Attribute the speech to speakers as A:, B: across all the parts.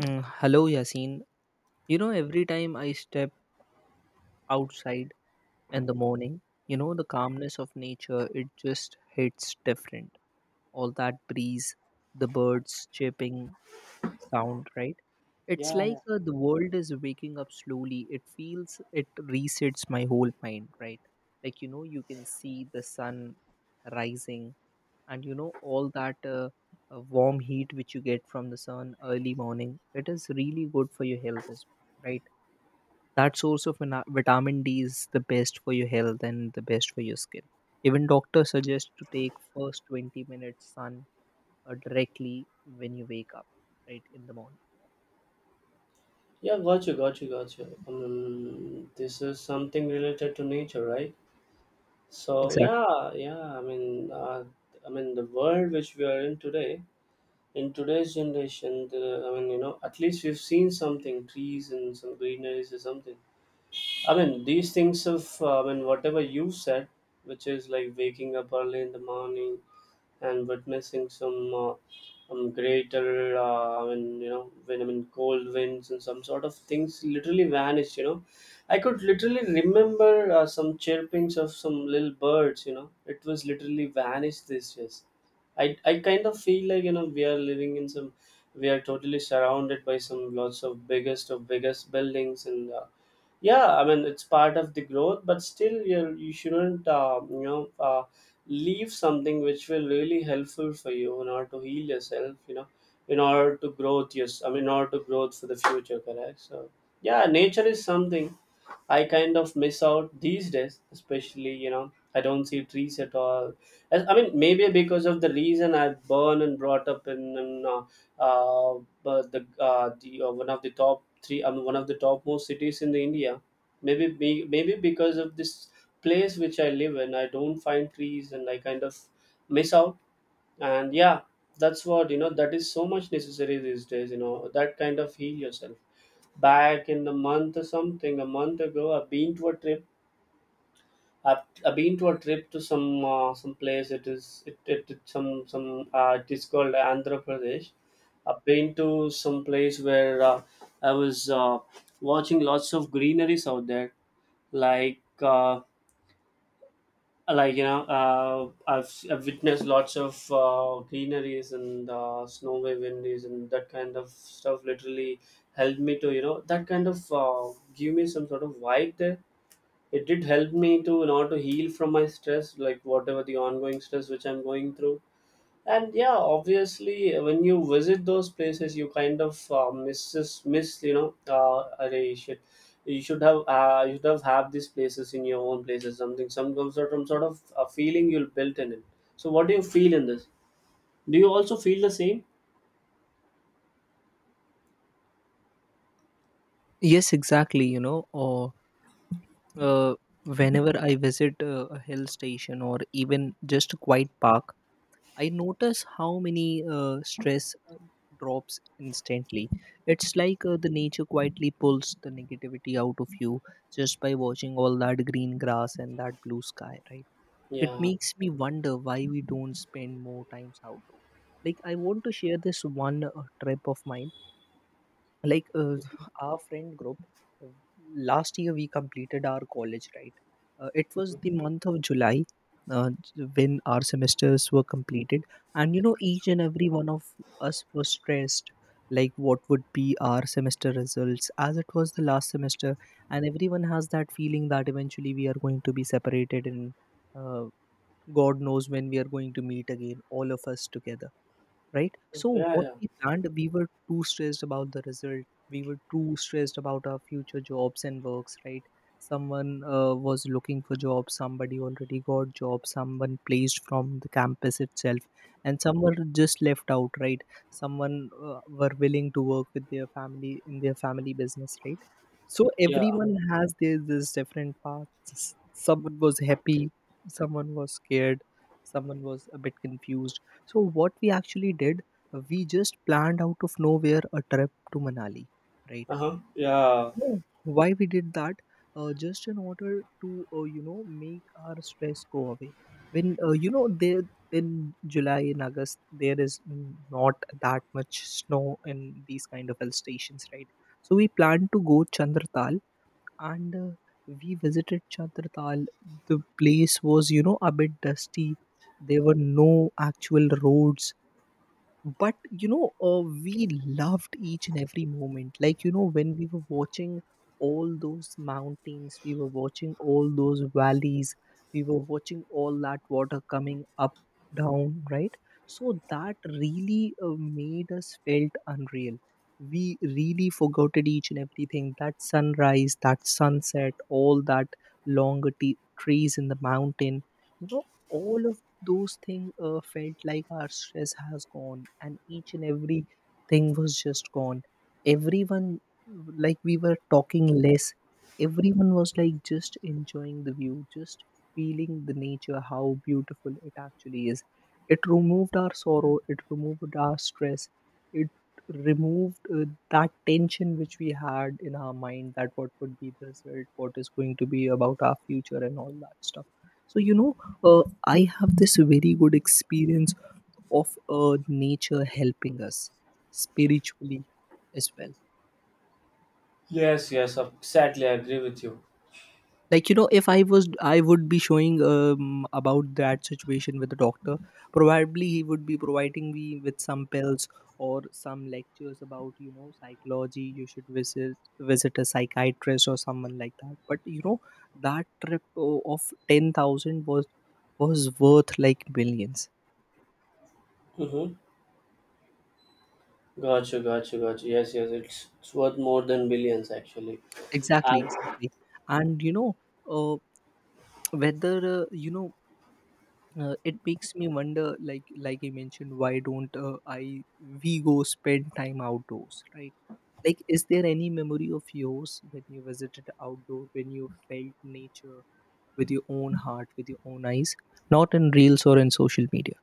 A: Hello, Yasin. Every time I step outside in the morning, the calmness of nature, it just hits different. All that breeze, the birds chirping sound, right? It's
B: Yeah,
A: like
B: yeah,
A: the world is waking up slowly. It resets my whole mind, right? Like, you can see the sun rising and, all that warm heat which you get from the sun early morning. It is really good for your health as well, right? That source of vitamin D is the best for your health and the best for your skin. Even doctors suggest to take first 20 minutes sun directly when you wake up, right in the morning.
B: yeah. Got you, got you, got you. This is something related to nature, right? So
A: Exactly.
B: yeah, yeah. The world which we are in today, in today's generation, the, I mean, you know, at least we've seen something, trees and some greeneries or something. These things of, whatever you said, which is like waking up early in the morning, and witnessing some greater and you know when I mean cold winds and some sort of things literally vanished. You know, I could literally remember some chirpings of some little birds. You know, it was literally vanished this year. I kind of feel like you know we are living in some we are totally surrounded by some lots of biggest buildings and. Yeah, I mean it's part of the growth, but still you shouldn't you know, leave something which will really helpful for you in order to heal yourself, you know, in order to growth. Yes, I mean, in order to growth for the future, correct? So yeah, nature is something I kind of miss out these days, especially. You know, I don't see trees at all. I mean maybe because of the reason I born and brought up in but the one of the top three, I mean one of the topmost cities in the india, maybe because of this place which I live in, I don't find trees and I kind of miss out. And yeah, that's what, you know, that is so much necessary these days, you know, that kind of heal yourself. Back in the month or something, a month ago I've been to a trip. i've, I've been to a trip to some place. It some it is called Andhra Pradesh. I've been to some place where I was watching lots of greeneries out there. like uh, I've witnessed lots of greeneries and snow windies, and that kind of stuff literally helped me to, you know, that kind of give me some sort of vibe there. It did help me to, you know, to heal from my stress, like whatever the ongoing stress which I'm going through. And yeah, obviously when you visit those places, you kind of miss, you know, you should, you should have these places in your own places, something, some sort of a feeling you'll built in it. So what do you feel in this? Do you also feel the same?
A: Yes, exactly. Or uh, whenever I visit a hill station or even just a quiet park, I notice how many stress drops instantly. It's like the nature quietly pulls the negativity out of you just by watching all that green grass and that blue sky, right? It
B: Yeah.
A: makes me wonder why we don't spend more times outdoor. Like, I want to share this one trip of mine, like our friend group, uh, last year we completed our college, right? It was
B: Mhm.
A: the month of July, when our semesters were completed, and each and every one of us was stressed, like what would be our semester results as it was the last semester. And everyone has that feeling that eventually we are going to be separated, and uh, god knows when we are going to meet again all of us together, right? So
B: Yeah,
A: what
B: yeah,
A: we planned, we were too stressed about the result. We were too stressed about our future jobs and works, right? Someone was looking for jobs. Somebody already got jobs. Someone placed from the campus itself, and some were just left out, right? Someone were willing to work with their family in their family business, right? So
B: yeah.
A: everyone has their this different paths. Someone was happy. Someone was scared. Someone was a bit confused, so what we actually did, we just planned out of nowhere a trip to Manali, right?
B: Uh-huh, yeah.
A: Oh, why we did that? Just in order to make our stress go away. When there in July and August there is not that much snow in these kind of hill stations, right? So we planned to go Chandratal and we visited Chandratal. The place was a bit dusty. There were no actual roads, but we loved each and every moment, like when we were watching all those mountains, we were watching all those valleys, we were watching all that water coming up down, right? So that really made us felt unreal. We really forgot it, each and everything, that sunrise, that sunset, all that longer trees in the mountain, all of those things felt like our stress has gone, and each and every thing was just gone. Everyone, like, we were talking less. Everyone was like just enjoying the view, just feeling the nature how beautiful it actually is. It removed our sorrow, it removed our stress, it removed that tension which we had in our mind, that what would be the result, what is going to be about our future and all that stuff. So you know uh, I have this very good experience of nature helping us spiritually as well.
B: Yes, yes, exactly, I agree with you.
A: Like, if I was, I would be showing about that situation with the doctor. Probably he would be providing me with some pills or some lectures about psychology. You should visit a psychiatrist or someone like that. But that trip of 10,000 was worth like billions.
B: Mm-hmm. Gotcha, gotcha, gotcha. Yes, yes, it's worth more than billions actually.
A: Exactly, exactly. And uh, whether it makes me wonder. Like, I mentioned, why don't I we go spend time outdoors, right? Like, is there any memory of yours when you visited outdoor, when you felt nature with your own heart, with your own eyes, not in reels or in social media?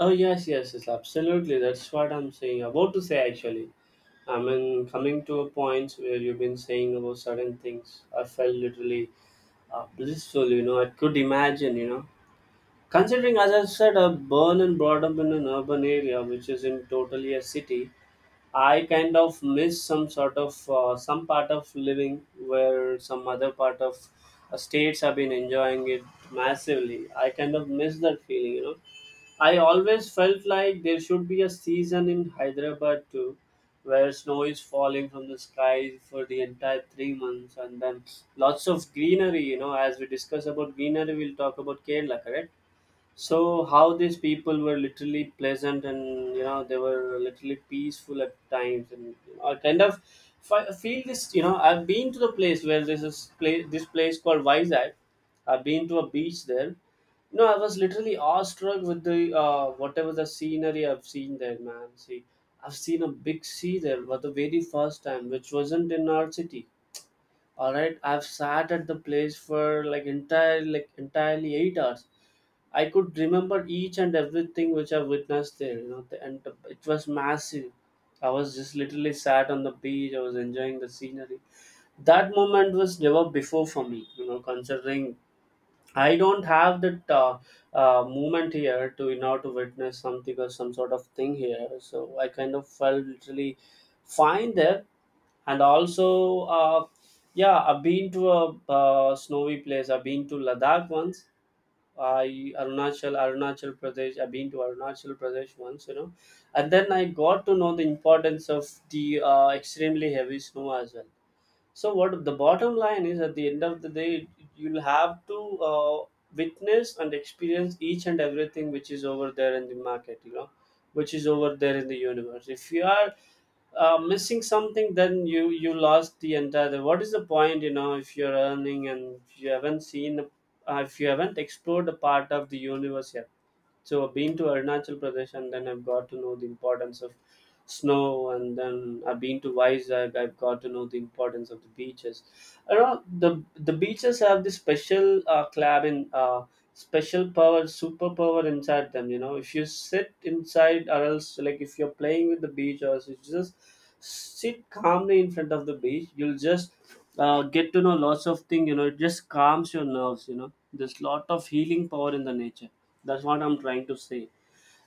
B: Oh yes, yes, yes, absolutely. That's what I'm saying about to say actually. I mean, coming to a point where you've been saying about certain things, I felt literally blissful. You know, I could imagine. You know, considering as I said, I born and brought up in an urban area, which is in totally a city. I kind of miss some sort of some part of living where some other part of states have been enjoying it massively. I kind of miss that feeling. You know, I always felt like there should be a season in Hyderabad too, where snow is falling from the sky for the entire 3 months, and then lots of greenery. You know, as we discuss about greenery, we'll talk about Kerala, correct? So how these people were literally pleasant, and you know they were literally peaceful at times. And I kind of feel this, you know, I've been to the place where this place called Vizag. I've been to a beach there. No, I was literally awestruck with the whatever the scenery I've seen there, man. See, I've seen a big sea there for the very first time, which wasn't in our city. All right, I've sat at the place for like entirely 8 hours. I could remember each and everything which I witnessed there, you know, it was massive. I was just literally sat on the beach. I was enjoying the scenery. That moment was never before for me, you know, considering I don't have that moment here to in order to witness something or some sort of thing here. So I kind of felt literally fine there, and also yeah, I've been to a snowy place. I've been to Ladakh once. I Arunachal Arunachal Pradesh. I've been to Arunachal Pradesh once, you know, and then I got to know the importance of the extremely heavy snow as well. So what the bottom line is, at the end of the day, you'll have to witness and experience each and everything which is over there in the market, you know, which is over there in the universe. If you are missing something, then you lost the entire, what is the point, you know, if you're earning and if you haven't seen if you haven't explored a part of the universe yet. So I've been to Arunachal Pradesh and then I've got to know the importance of snow, and then I've been to Vizag, I've got to know the importance of the beaches. I know the beaches have this special club in special power, superpower inside them. You know, if you sit inside or else like if you're playing with the beach, or else you just sit calmly in front of the beach, you'll just get to know lots of things. You know, it just calms your nerves. You know, there's lot of healing power in the nature, that's what I'm trying to say.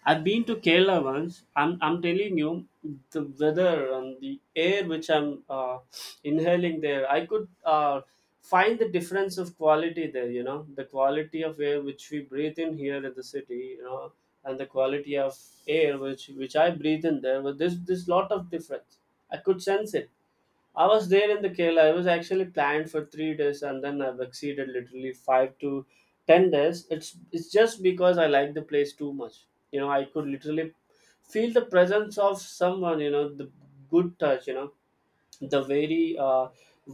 B: I've been to Kerala once. I'm telling you, the weather and the air which I'm inhaling there, I could find the difference of quality there, you know, the quality of air which we breathe in here in the city, you know, and the quality of air which I breathe in there. But there's lot of difference. I could sense it. I was there in the Kerala. I was actually planned for 3 days, and then I've exceeded literally 5 to 10 days. It's just because I like the place too much. You know, I could literally feel the presence of someone. You know, the good touch. You know, the very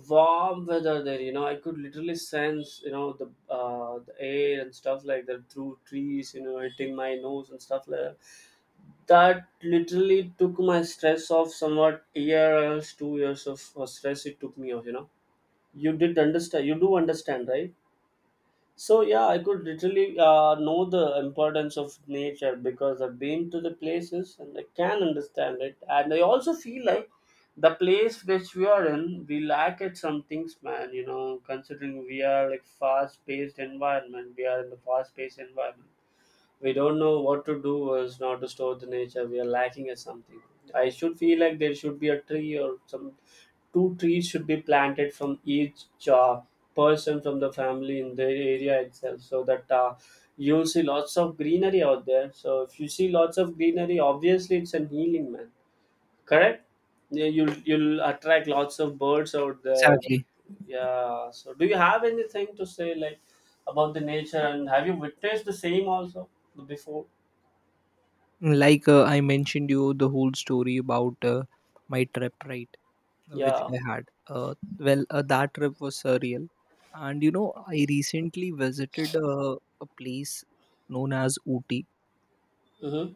B: warm weather there. You know, I could literally sense. You know, the air and stuff like that through trees. You know, hitting my nose and stuff like that, that literally took my stress off somewhat a year else 2 years of stress, it took me off, you know. You did understand you do understand, right? So yeah, I could literally know the importance of nature, because I've been to the places and I can understand it. And I also feel like the place which we are in, we lack at some things, man, you know, considering we are like fast paced environment, we are in the fast paced environment. We don't know what to do or is not to store the nature, we are lacking at something. I should feel like there should be a tree or some two trees should be planted from each uh, person from the family in their area itself, so that you'll see lots of greenery out there. So if you see lots of greenery, obviously it's a healing, man. Correct? Yeah, you'll attract lots of birds out there.
A: Exactly.
B: Yeah. So, do you have anything to say like about the nature, and have you witnessed the same also before?
A: Like I mentioned you the whole story about my trip, right? Which
B: Yeah.
A: I had. Well, that trip was surreal. And I recently visited a place known as Ooty,
B: Mm-hmm.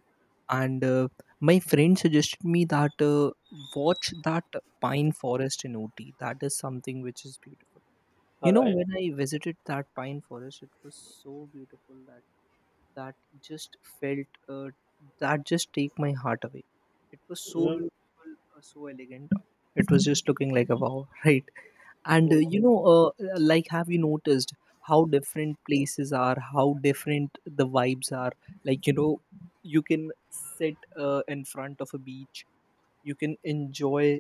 A: and my friend suggested me that watch that pine forest in Ooty. That is something which is beautiful. You
B: All
A: know,
B: right.
A: when I visited that pine forest, it was so beautiful that that just felt that just take my heart away. It was so
B: Mm-hmm.
A: beautiful, so elegant. It was just looking like a wow, right? And like, have you noticed how different places are, how different the vibes are, like you can sit in front of a beach, you can enjoy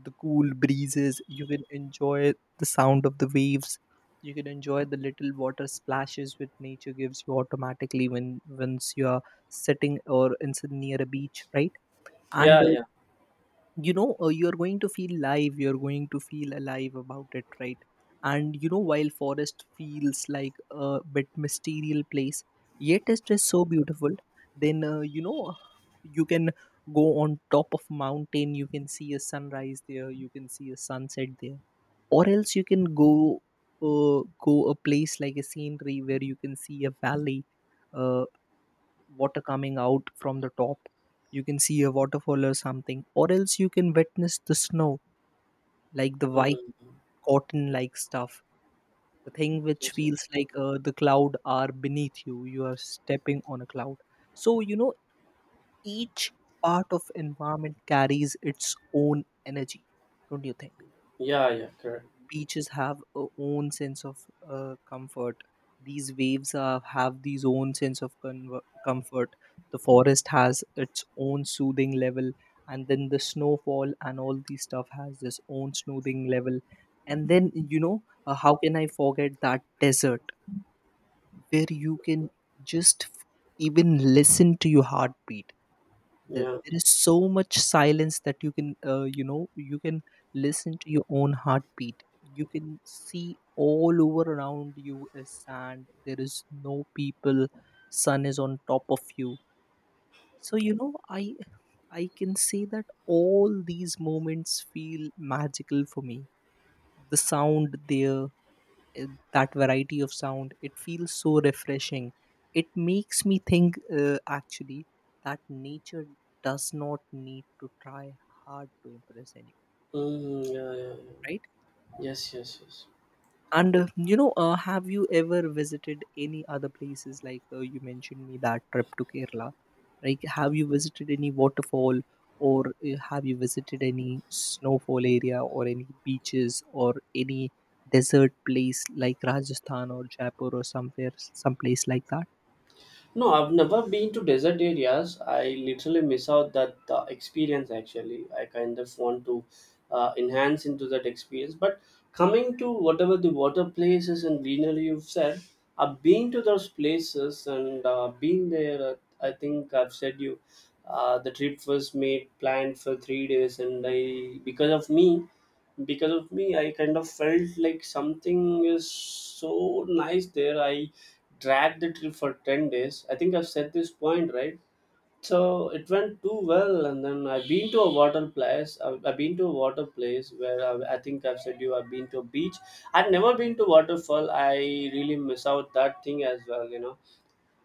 A: the cool breezes, you can enjoy the sound of the waves, you can enjoy the little water splashes which nature gives you automatically when once you are sitting or in near a beach, right? And
B: Yeah. Yeah.
A: you're going to feel alive about it, right? And while forest feels like a bit mysterious place, yet it's just so beautiful. Then you can go on top of mountain, you can see a sunrise there, you can see a sunset there, or else you can go a place like a scenery where you can see a valley, uh, water coming out from the top, you can see a waterfall or something, or else you can witness the snow, like the white
B: Mm-hmm.
A: cotton like stuff, the thing which feels like the cloud are beneath you, you are stepping on a cloud. So each part of environment carries its own energy, don't you think?
B: Yeah. Yeah. Correct.
A: Beaches have a own sense of comfort. These waves have these own sense of conver comfort. The forest has its own soothing level. And then the snowfall and all these stuff has this own soothing level. And then how can I forget that desert where you can just even listen to your heartbeat. Th-
B: Yeah.
A: there is so much silence that you can listen to your own heartbeat. You can see all over around you is sand, there is no people, sun is on top of you. So i I can say that all these moments feel magical for me. The sound there, that variety of sound, it feels so refreshing. It makes me think actually that nature does not need to try hard to impress anyone,
B: Mm, yeah, yeah,
A: right?
B: yeah. Yes, yes, yes.
A: And have you ever visited any other places? Like you mentioned me that trip to Kerala. Like, have you visited any waterfall, or have you visited any snowfall area, or any beaches, or any desert place like Rajasthan or Jaipur or somewhere, some place like that?
B: No, I've never been to desert areas. I literally miss out that experience. Actually, I kind of want to enhance into that experience. But coming to whatever the water places and greenery you've said, I've been to those places and been there. I think I've said you. The trip was made planned for 3 days, and I because of me I kind of felt like something is so nice there. I dragged the trip for 10 days. I think I've said this point, right? So it went too well, and then I've been to a water place. I've been to a water place where I think I've said you I've been to a beach. I've never been to waterfall. I really miss out that thing as well, you know.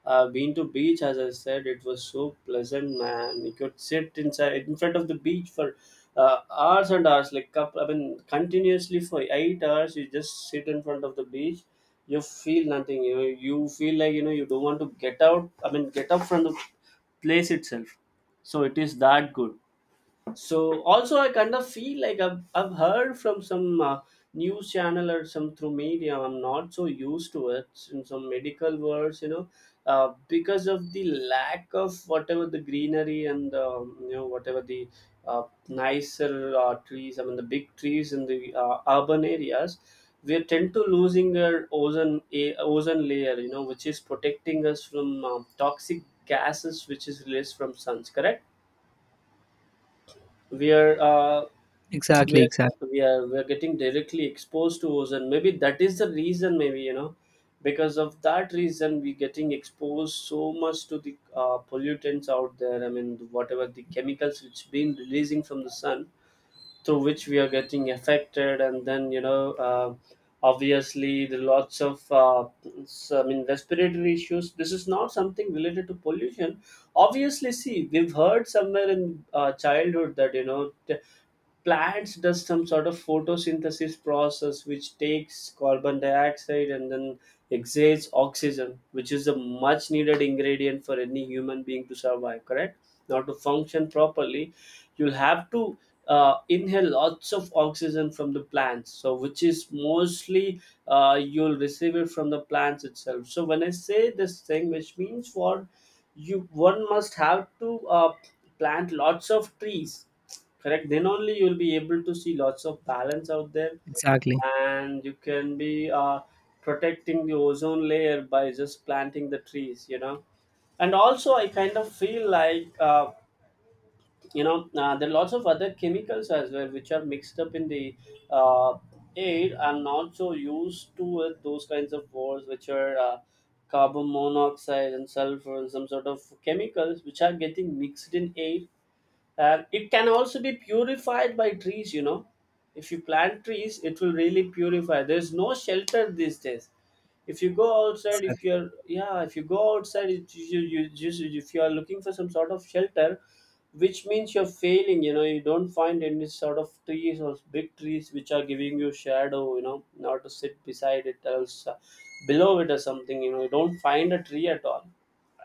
B: I've been to beach, as I said, it was so pleasant, man. You could sit inside in front of the beach for hours and hours, like couple, I mean, continuously for 8 hours. You just sit in front of the beach. You feel nothing. You feel like you don't want to get out. I mean, get up from the place itself. So it is that good. So also I kind of feel like I've heard from some news channel or some through media. I'm not so used to it, in some medical words, you know. Because of the lack of whatever the greenery and you know, whatever the nicer trees, I mean the big trees in the urban areas, we tend to losing our ozone, ozone layer, you know, which is protecting us from toxic gases which is released from suns, correct? We are
A: Exactly,
B: we're
A: exactly,
B: we're getting directly exposed to ozone. Maybe that is the reason, maybe, you know, because of that reason we getting exposed so much to the pollutants out there, I mean whatever the chemicals which been releasing from the sun, through which we are getting affected. And then, you know, obviously the lots of uh, I mean respiratory issues. This is not something related to pollution. Obviously, see, we've heard somewhere in childhood that, you know, plants does some sort of photosynthesis process, which takes carbon dioxide and then exhales oxygen, which is a much needed ingredient for any human being to survive, correct? Now, to function properly, you'll have to inhale lots of oxygen from the plants, so which is mostly you'll receive it from the plants itself. So when I say this thing, which means for you, one must have to plant lots of trees, correct? Then only you'll be able to see lots of balance out there.
A: exactly.
B: And you can be protecting the ozone layer by just planting the trees, you know. And also I kind of feel like you know, there are lots of other chemicals as well which are mixed up in the uh, air, and also used to those kinds of wars, which are carbon monoxide and sulfur and some sort of chemicals which are getting mixed in air, and it can also be purified by trees, you know. If you plant trees, it will really purify. There's no shelter these days. If you go outside, if
A: Exactly.
B: you're, yeah, if you go outside, you just if you are looking for some sort of shelter, which means you're failing, you know. You don't find any sort of trees or big trees which are giving you shadow, you know, not to sit beside it or else below it or something, you know. You don't find a tree at all.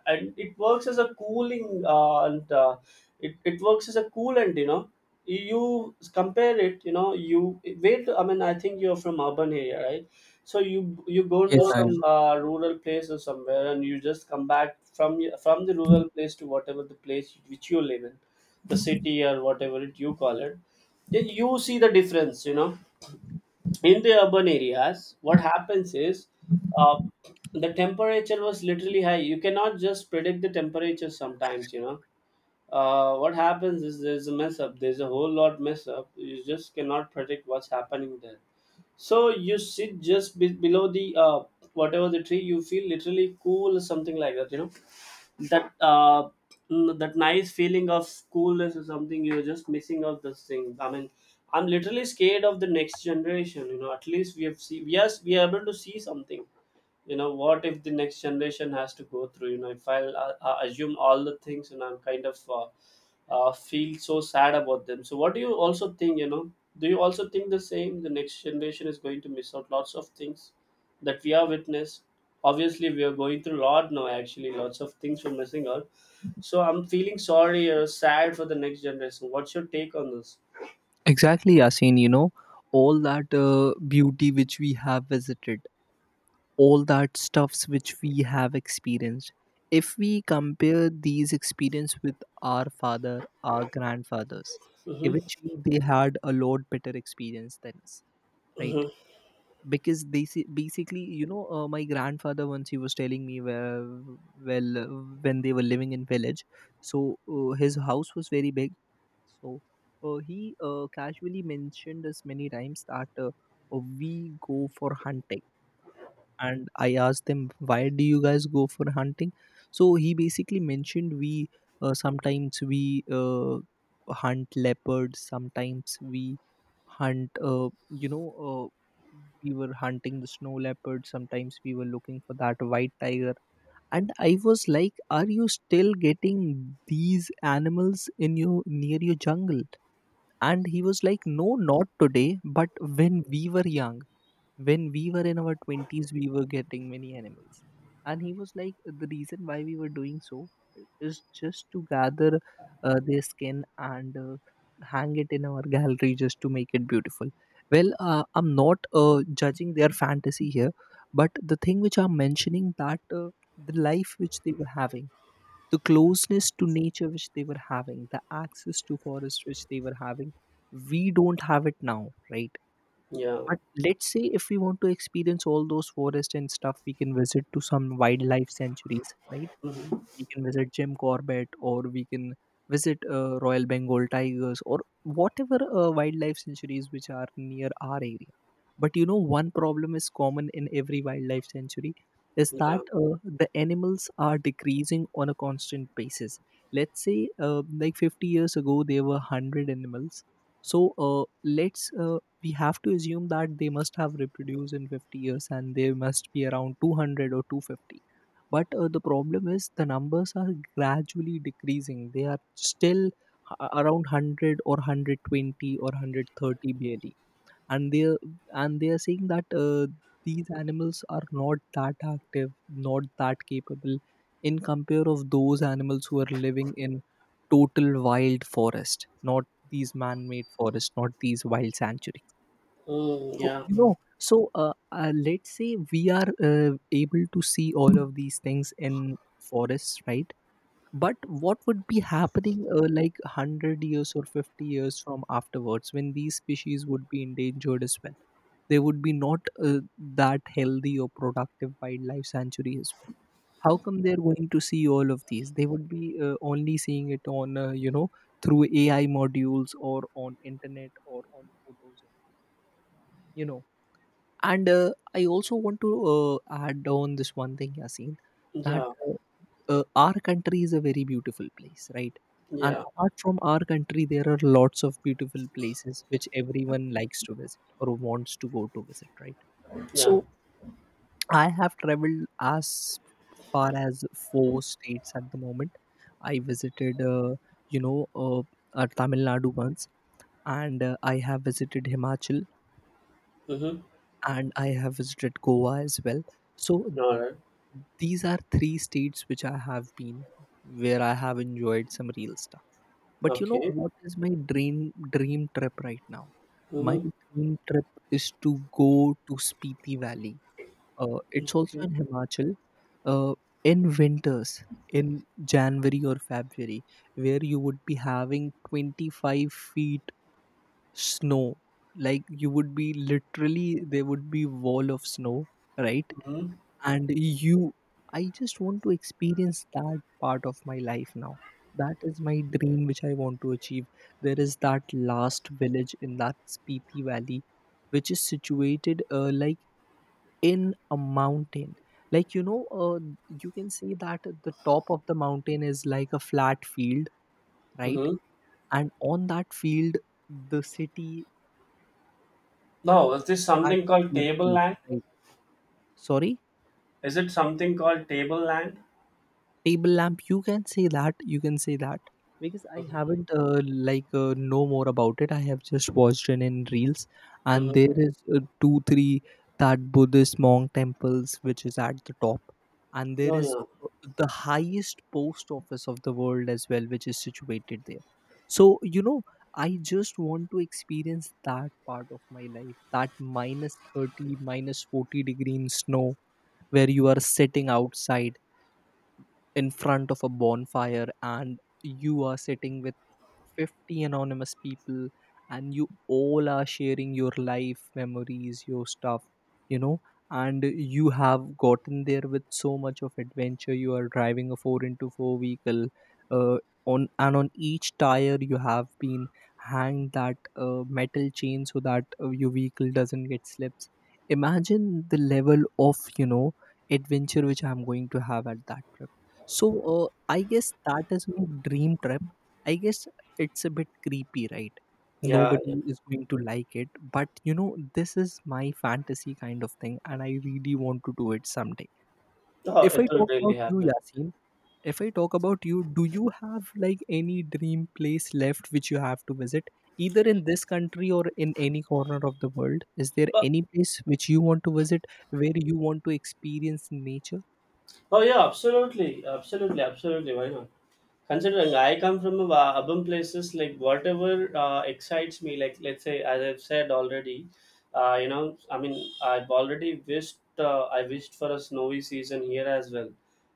B: And it works as a cooling and it works as a coolant, you know. You compare it, you know. You wait, I mean, I think you're from urban area, right? So you go
A: Yes,
B: into
A: I
B: some
A: am.
B: rural place or somewhere, and you just come back from from the rural place to whatever the place which you live in, the city or whatever it you call it. Then you see the difference. You know, in the urban areas, what happens is, uh, the temperature was literally high. You cannot just predict the temperature sometimes. You know, what happens is there's a mess up. There's a whole lot mess up. You just cannot predict what's happening there. So you sit just below the whatever the tree, you feel literally cool, something like that, you know. That that nice feeling of schoolness is something you're just missing out those things, I mean. I'm literally scared of the next generation, you know. At least we have seen, yes, we are able to see something. You know what if the next generation has to go through, you know, if I assume all the things, and I'm kind of feel so sad about them. So what do you also think, you know? Do you also think the same? The next generation is going to miss out lots of things that we are witness. Obviously, we are going through a lot now. Actually, lots of things we're missing out. So I'm feeling sorry or sad for the next generation. What's your take on this?
A: Exactly, Yasin. All that beauty which we have visited, all that stuffs which we have experienced, if we compare these experience with our father, our grandfathers,
B: Mm-hmm.
A: eventually they had a lot better experience than us,
B: Mm-hmm.
A: right? Because they see, basically my grandfather, once he was telling me where, well, when they were living in village, so his house was very big, so he casually mentioned us many times that we go for hunting, and I asked them, "Why do you guys go for hunting?" So he basically mentioned, "We sometimes we uh, hunt leopards, sometimes we hunt, you know." Uh, we were hunting the snow leopard, sometimes we were looking for that white tiger. And I was like, are you still getting these animals in your near your jungle? And he was like, no, not today, but when we were young, when we were in our 20s, we were getting many animals. And he was like, the reason why we were doing so is just to gather their skin and hang it in our gallery, just to make it beautiful. Well, I'm not judging their fantasy here, but the thing which I'm mentioning, that the life which they were having, the closeness to nature which they were having, the access to forest which they were having, we don't have it now, right?
B: Yeah.
A: But let's say if we want to experience all those forests and stuff, we can visit to some wildlife sanctuaries, right?
B: Mm-hmm.
A: We can visit Jim Corbett, or we can visit Royal Bengal tigers, or whatever wildlife sanctuaries which are near our area. But you know, one problem is common in every wildlife sanctuary is that
B: Yeah.
A: the animals are decreasing on a constant basis. Let's say, like 50 years ago, there were 100 animals. So let's we have to assume that they must have reproduced in 50 years, and there must be around 200 or 250, but the problem is the numbers are gradually decreasing. They are still around 100 or 120 or 130 barely. And they are and they are saying that these animals are not that active, not that capable in compare of those animals who are living in total wild forest, not these man-made forest, not these wild sanctuary.
B: Mm,
A: So
B: yeah.
A: let's say we are able to see all of these things in forests, right? But what would be happening like 100 years or 50 years from afterwards, when these species would be endangered as well? There would be not that healthy or productive wildlife sanctuary as well. How come they're going to see all of these? They would be only seeing it on through AI modules or on internet or on photos only. You know and I also want to add on this one thing, Yasin, that
B: Yeah.
A: our country is a very beautiful place, right? And
B: Yeah.
A: apart from our country, there are lots of beautiful places which everyone likes to visit or wants to go to visit, right?
B: Yeah.
A: So I have traveled as far as four states at the moment. I visited, you know, uh, Tamil Nadu once, and I have visited Himachal,
B: Mm-hmm.
A: and I have visited Goa as well. So
B: All right.
A: these are three states which I have been, where I have enjoyed some real stuff. But you know
B: Okay.
A: what is my dream trip right now? My
B: Mm-hmm.
A: dream trip is to go to Spiti Valley. It's also
B: Okay.
A: in Himachal. Uh, in winters, in January or February, where you would be having 25 feet snow. Like you would be literally, there would be wall of snow, right?
B: Mm-hmm.
A: And you I just want to experience that part of my life now. That is my dream which I want to achieve. There is that last village in that Spiti Valley, which is situated like in a mountain. Like, you can see that the top of the mountain is like a flat field, right?
B: Mm-hmm.
A: And on that field, the city
B: No, is this
A: that
B: something called
A: city is
B: table
A: based,
B: land?
A: right? Sorry,
B: Is it something called table land?
A: table lamp, you can say that, you can say that, because I
B: Mm-hmm.
A: haven't like know more about it. I have just watched it in reels. And
B: Mm-hmm.
A: there is two three that Buddhist monk temples which is at the top. And there
B: Oh
A: is
B: yeah.
A: uh, the highest post office of the world as well, which is situated there. So, you know, I just want to experience that part of my life, that minus 30 minus 40 degree in snow, where you are sitting outside in front of a bonfire, and you are sitting with 50 anonymous people, and you all are sharing your life memories, your stuff, you know. And you have gotten there with so much of adventure. You are driving a 4 into 4 vehicle, uh, on and on each tire you have been hanged that metal chain, so that your vehicle doesn't get slips. Imagine the level of, you know, adventure which I'm going to have at that trip. So I guess that is my dream trip. I guess it's a bit creepy, right?
B: Yeah, yeah.
A: Nobody is going to like it, but you know, this is my fantasy kind of thing, and I really want to do it someday.
B: Oh,
A: If I
B: it will
A: talk
B: really
A: about you,
B: happen.
A: Yasin, if I talk about you, do you have like any dream place left which you have to visit, either in this country or in any corner of the world? Is there any place which you want to visit where you want to experience nature?
B: Oh yeah, absolutely, absolutely, absolutely. Why not? Considering I come from a urban places, like whatever excites me, like let's say, as I've said already, you know, I mean, I've already wished, I wished for a snowy season here as well,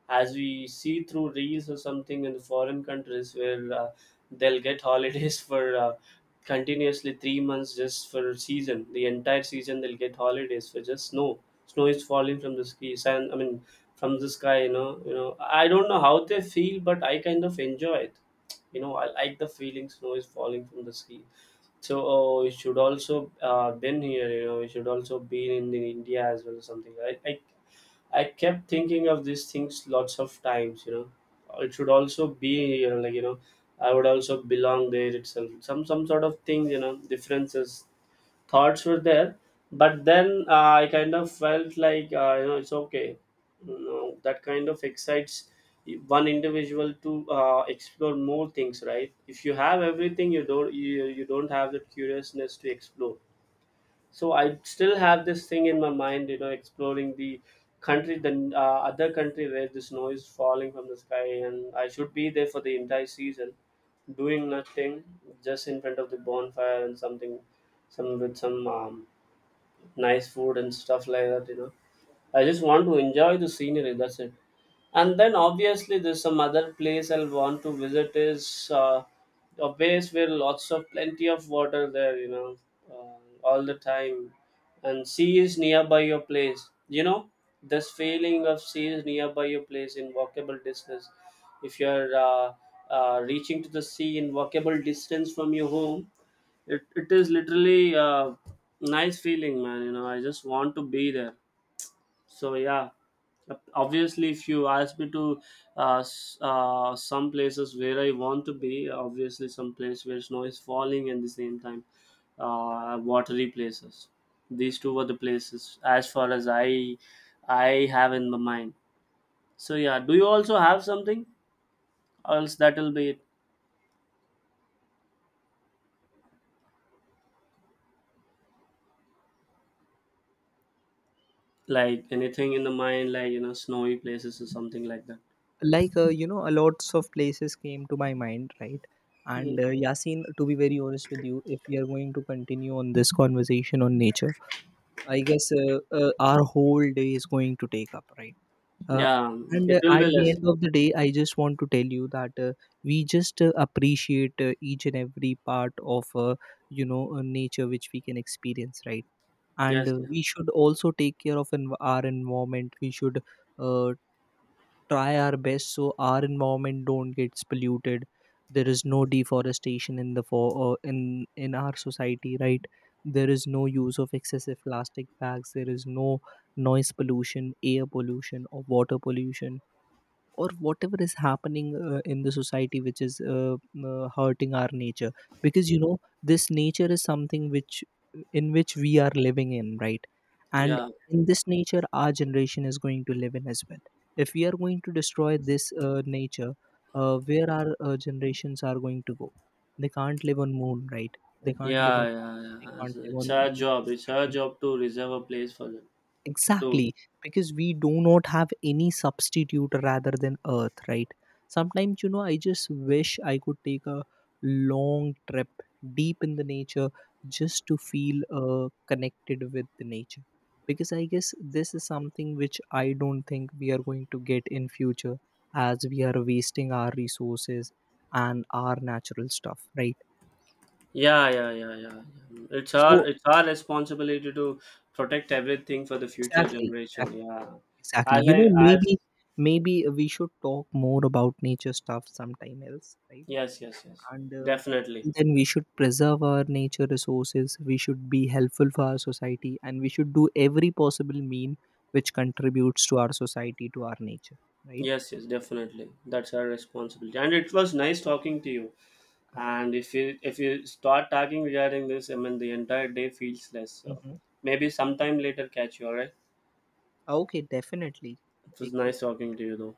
B: as we see through reels or something in the foreign countries where they'll get holidays for continuously 3 months just for a season, the entire season they'll get holidays for just snow. Snow is falling from the skies, and I mean from the sky, you know. I don't know how they feel, but I kind of enjoy it, you know. I like the feeling snow is falling from the sky. So, oh, you should also been here, you know. You should also been in India as well or something. I kept thinking of these things lots of times, you know. It should also be here, like, you know. I would also belong there itself, some sort of thing, you know, differences thoughts were there. But then I kind of felt like you know, it's okay. You know, that kind of excites one individual to explore more things, right? If you have everything you don't, you don't have that curiousness to explore. So I still have this thing in my mind, you know, exploring the country, the other country where the snow is falling from the sky, and I should be there for the entire season, doing nothing, just in front of the bonfire and something, some with some nice food and stuff like that, you know. I just want to enjoy the scenery, that's it. And then obviously there's some other place I'll want to visit is a place where lots of plenty of water there, you know, all the time, and sea is nearby your place, you know. This feeling of sea is nearby your place, in walkable distance, if you're reaching to the sea in walkable distance from your home, it is literally a nice feeling, man, you know. I just want to be there. So yeah, obviously, if you ask me to some places where I want to be, obviously some place where snow is falling, and the same time watery places. These two were the places as far as I have in my mind. So yeah, do you also have something? Else that'll be it. Like anything in the mind, like, you know, snowy places or something like that.
A: Like, a lots of places came to my mind, right? And
B: Mm.
A: Yasin, to be very honest with you, if we are going to continue on this conversation on nature, I guess our whole day is going to take up, right? uh,
B: Yeah,
A: and
B: it will
A: at
B: be
A: the
B: less.
A: end of the day, I just want to tell you that we just appreciate each and every part of, nature which we can experience, right? And
B: Yes, yeah,
A: we should also take care of our environment. We should uh, try our best so our environment don't gets polluted. There is no deforestation in the for in our society, right? There is no use of excessive plastic bags, there is no noise pollution, air pollution or water pollution, or whatever is happening in the society, which is hurting our nature. Because you know, this nature is something which, in which we are living in, right? And
B: yeah.
A: in this nature, our generation is going to live in as well. If we are going to destroy this nature, where our generations are going to go? They can't live on moon, right? They can't live
B: Yeah,
A: on
B: yeah,
A: Mars, they
B: yeah.
A: can't live
B: It's her
A: on
B: job. It's her
A: Saturn.
B: job to reserve a place for them. To
A: Exactly, because we do not have any substitute rather than Earth, right? Sometimes, you know, I just wish I could take a long trip deep in the nature, just to feel connected with the nature. Because I guess this is something which I don't think we are going to get in future, as we are wasting our resources and our natural stuff, right?
B: yeah, yeah, yeah, yeah. Yeah.
A: So,
B: It's our responsibility to protect everything for the future
A: exactly,
B: generation.
A: exactly.
B: Yeah,
A: Exactly.
B: as
A: You
B: I
A: know,
B: as
A: maybe, maybe we should talk more about nature stuff sometime else, right?
B: yes, yes, yes,
A: And
B: definitely.
A: then we should preserve our nature resources. We should be helpful for our society, and we should do every possible mean which contributes to our society, to our nature, right?
B: Yes, yes, definitely. That's our responsibility. And it was nice talking to you. And if you start talking regarding this, I mean the entire day feels less. So
A: Mhm.
B: maybe sometime later catch you. All right.
A: Okay, definitely.
B: It
A: Take
B: was
A: care.
B: nice talking to you though.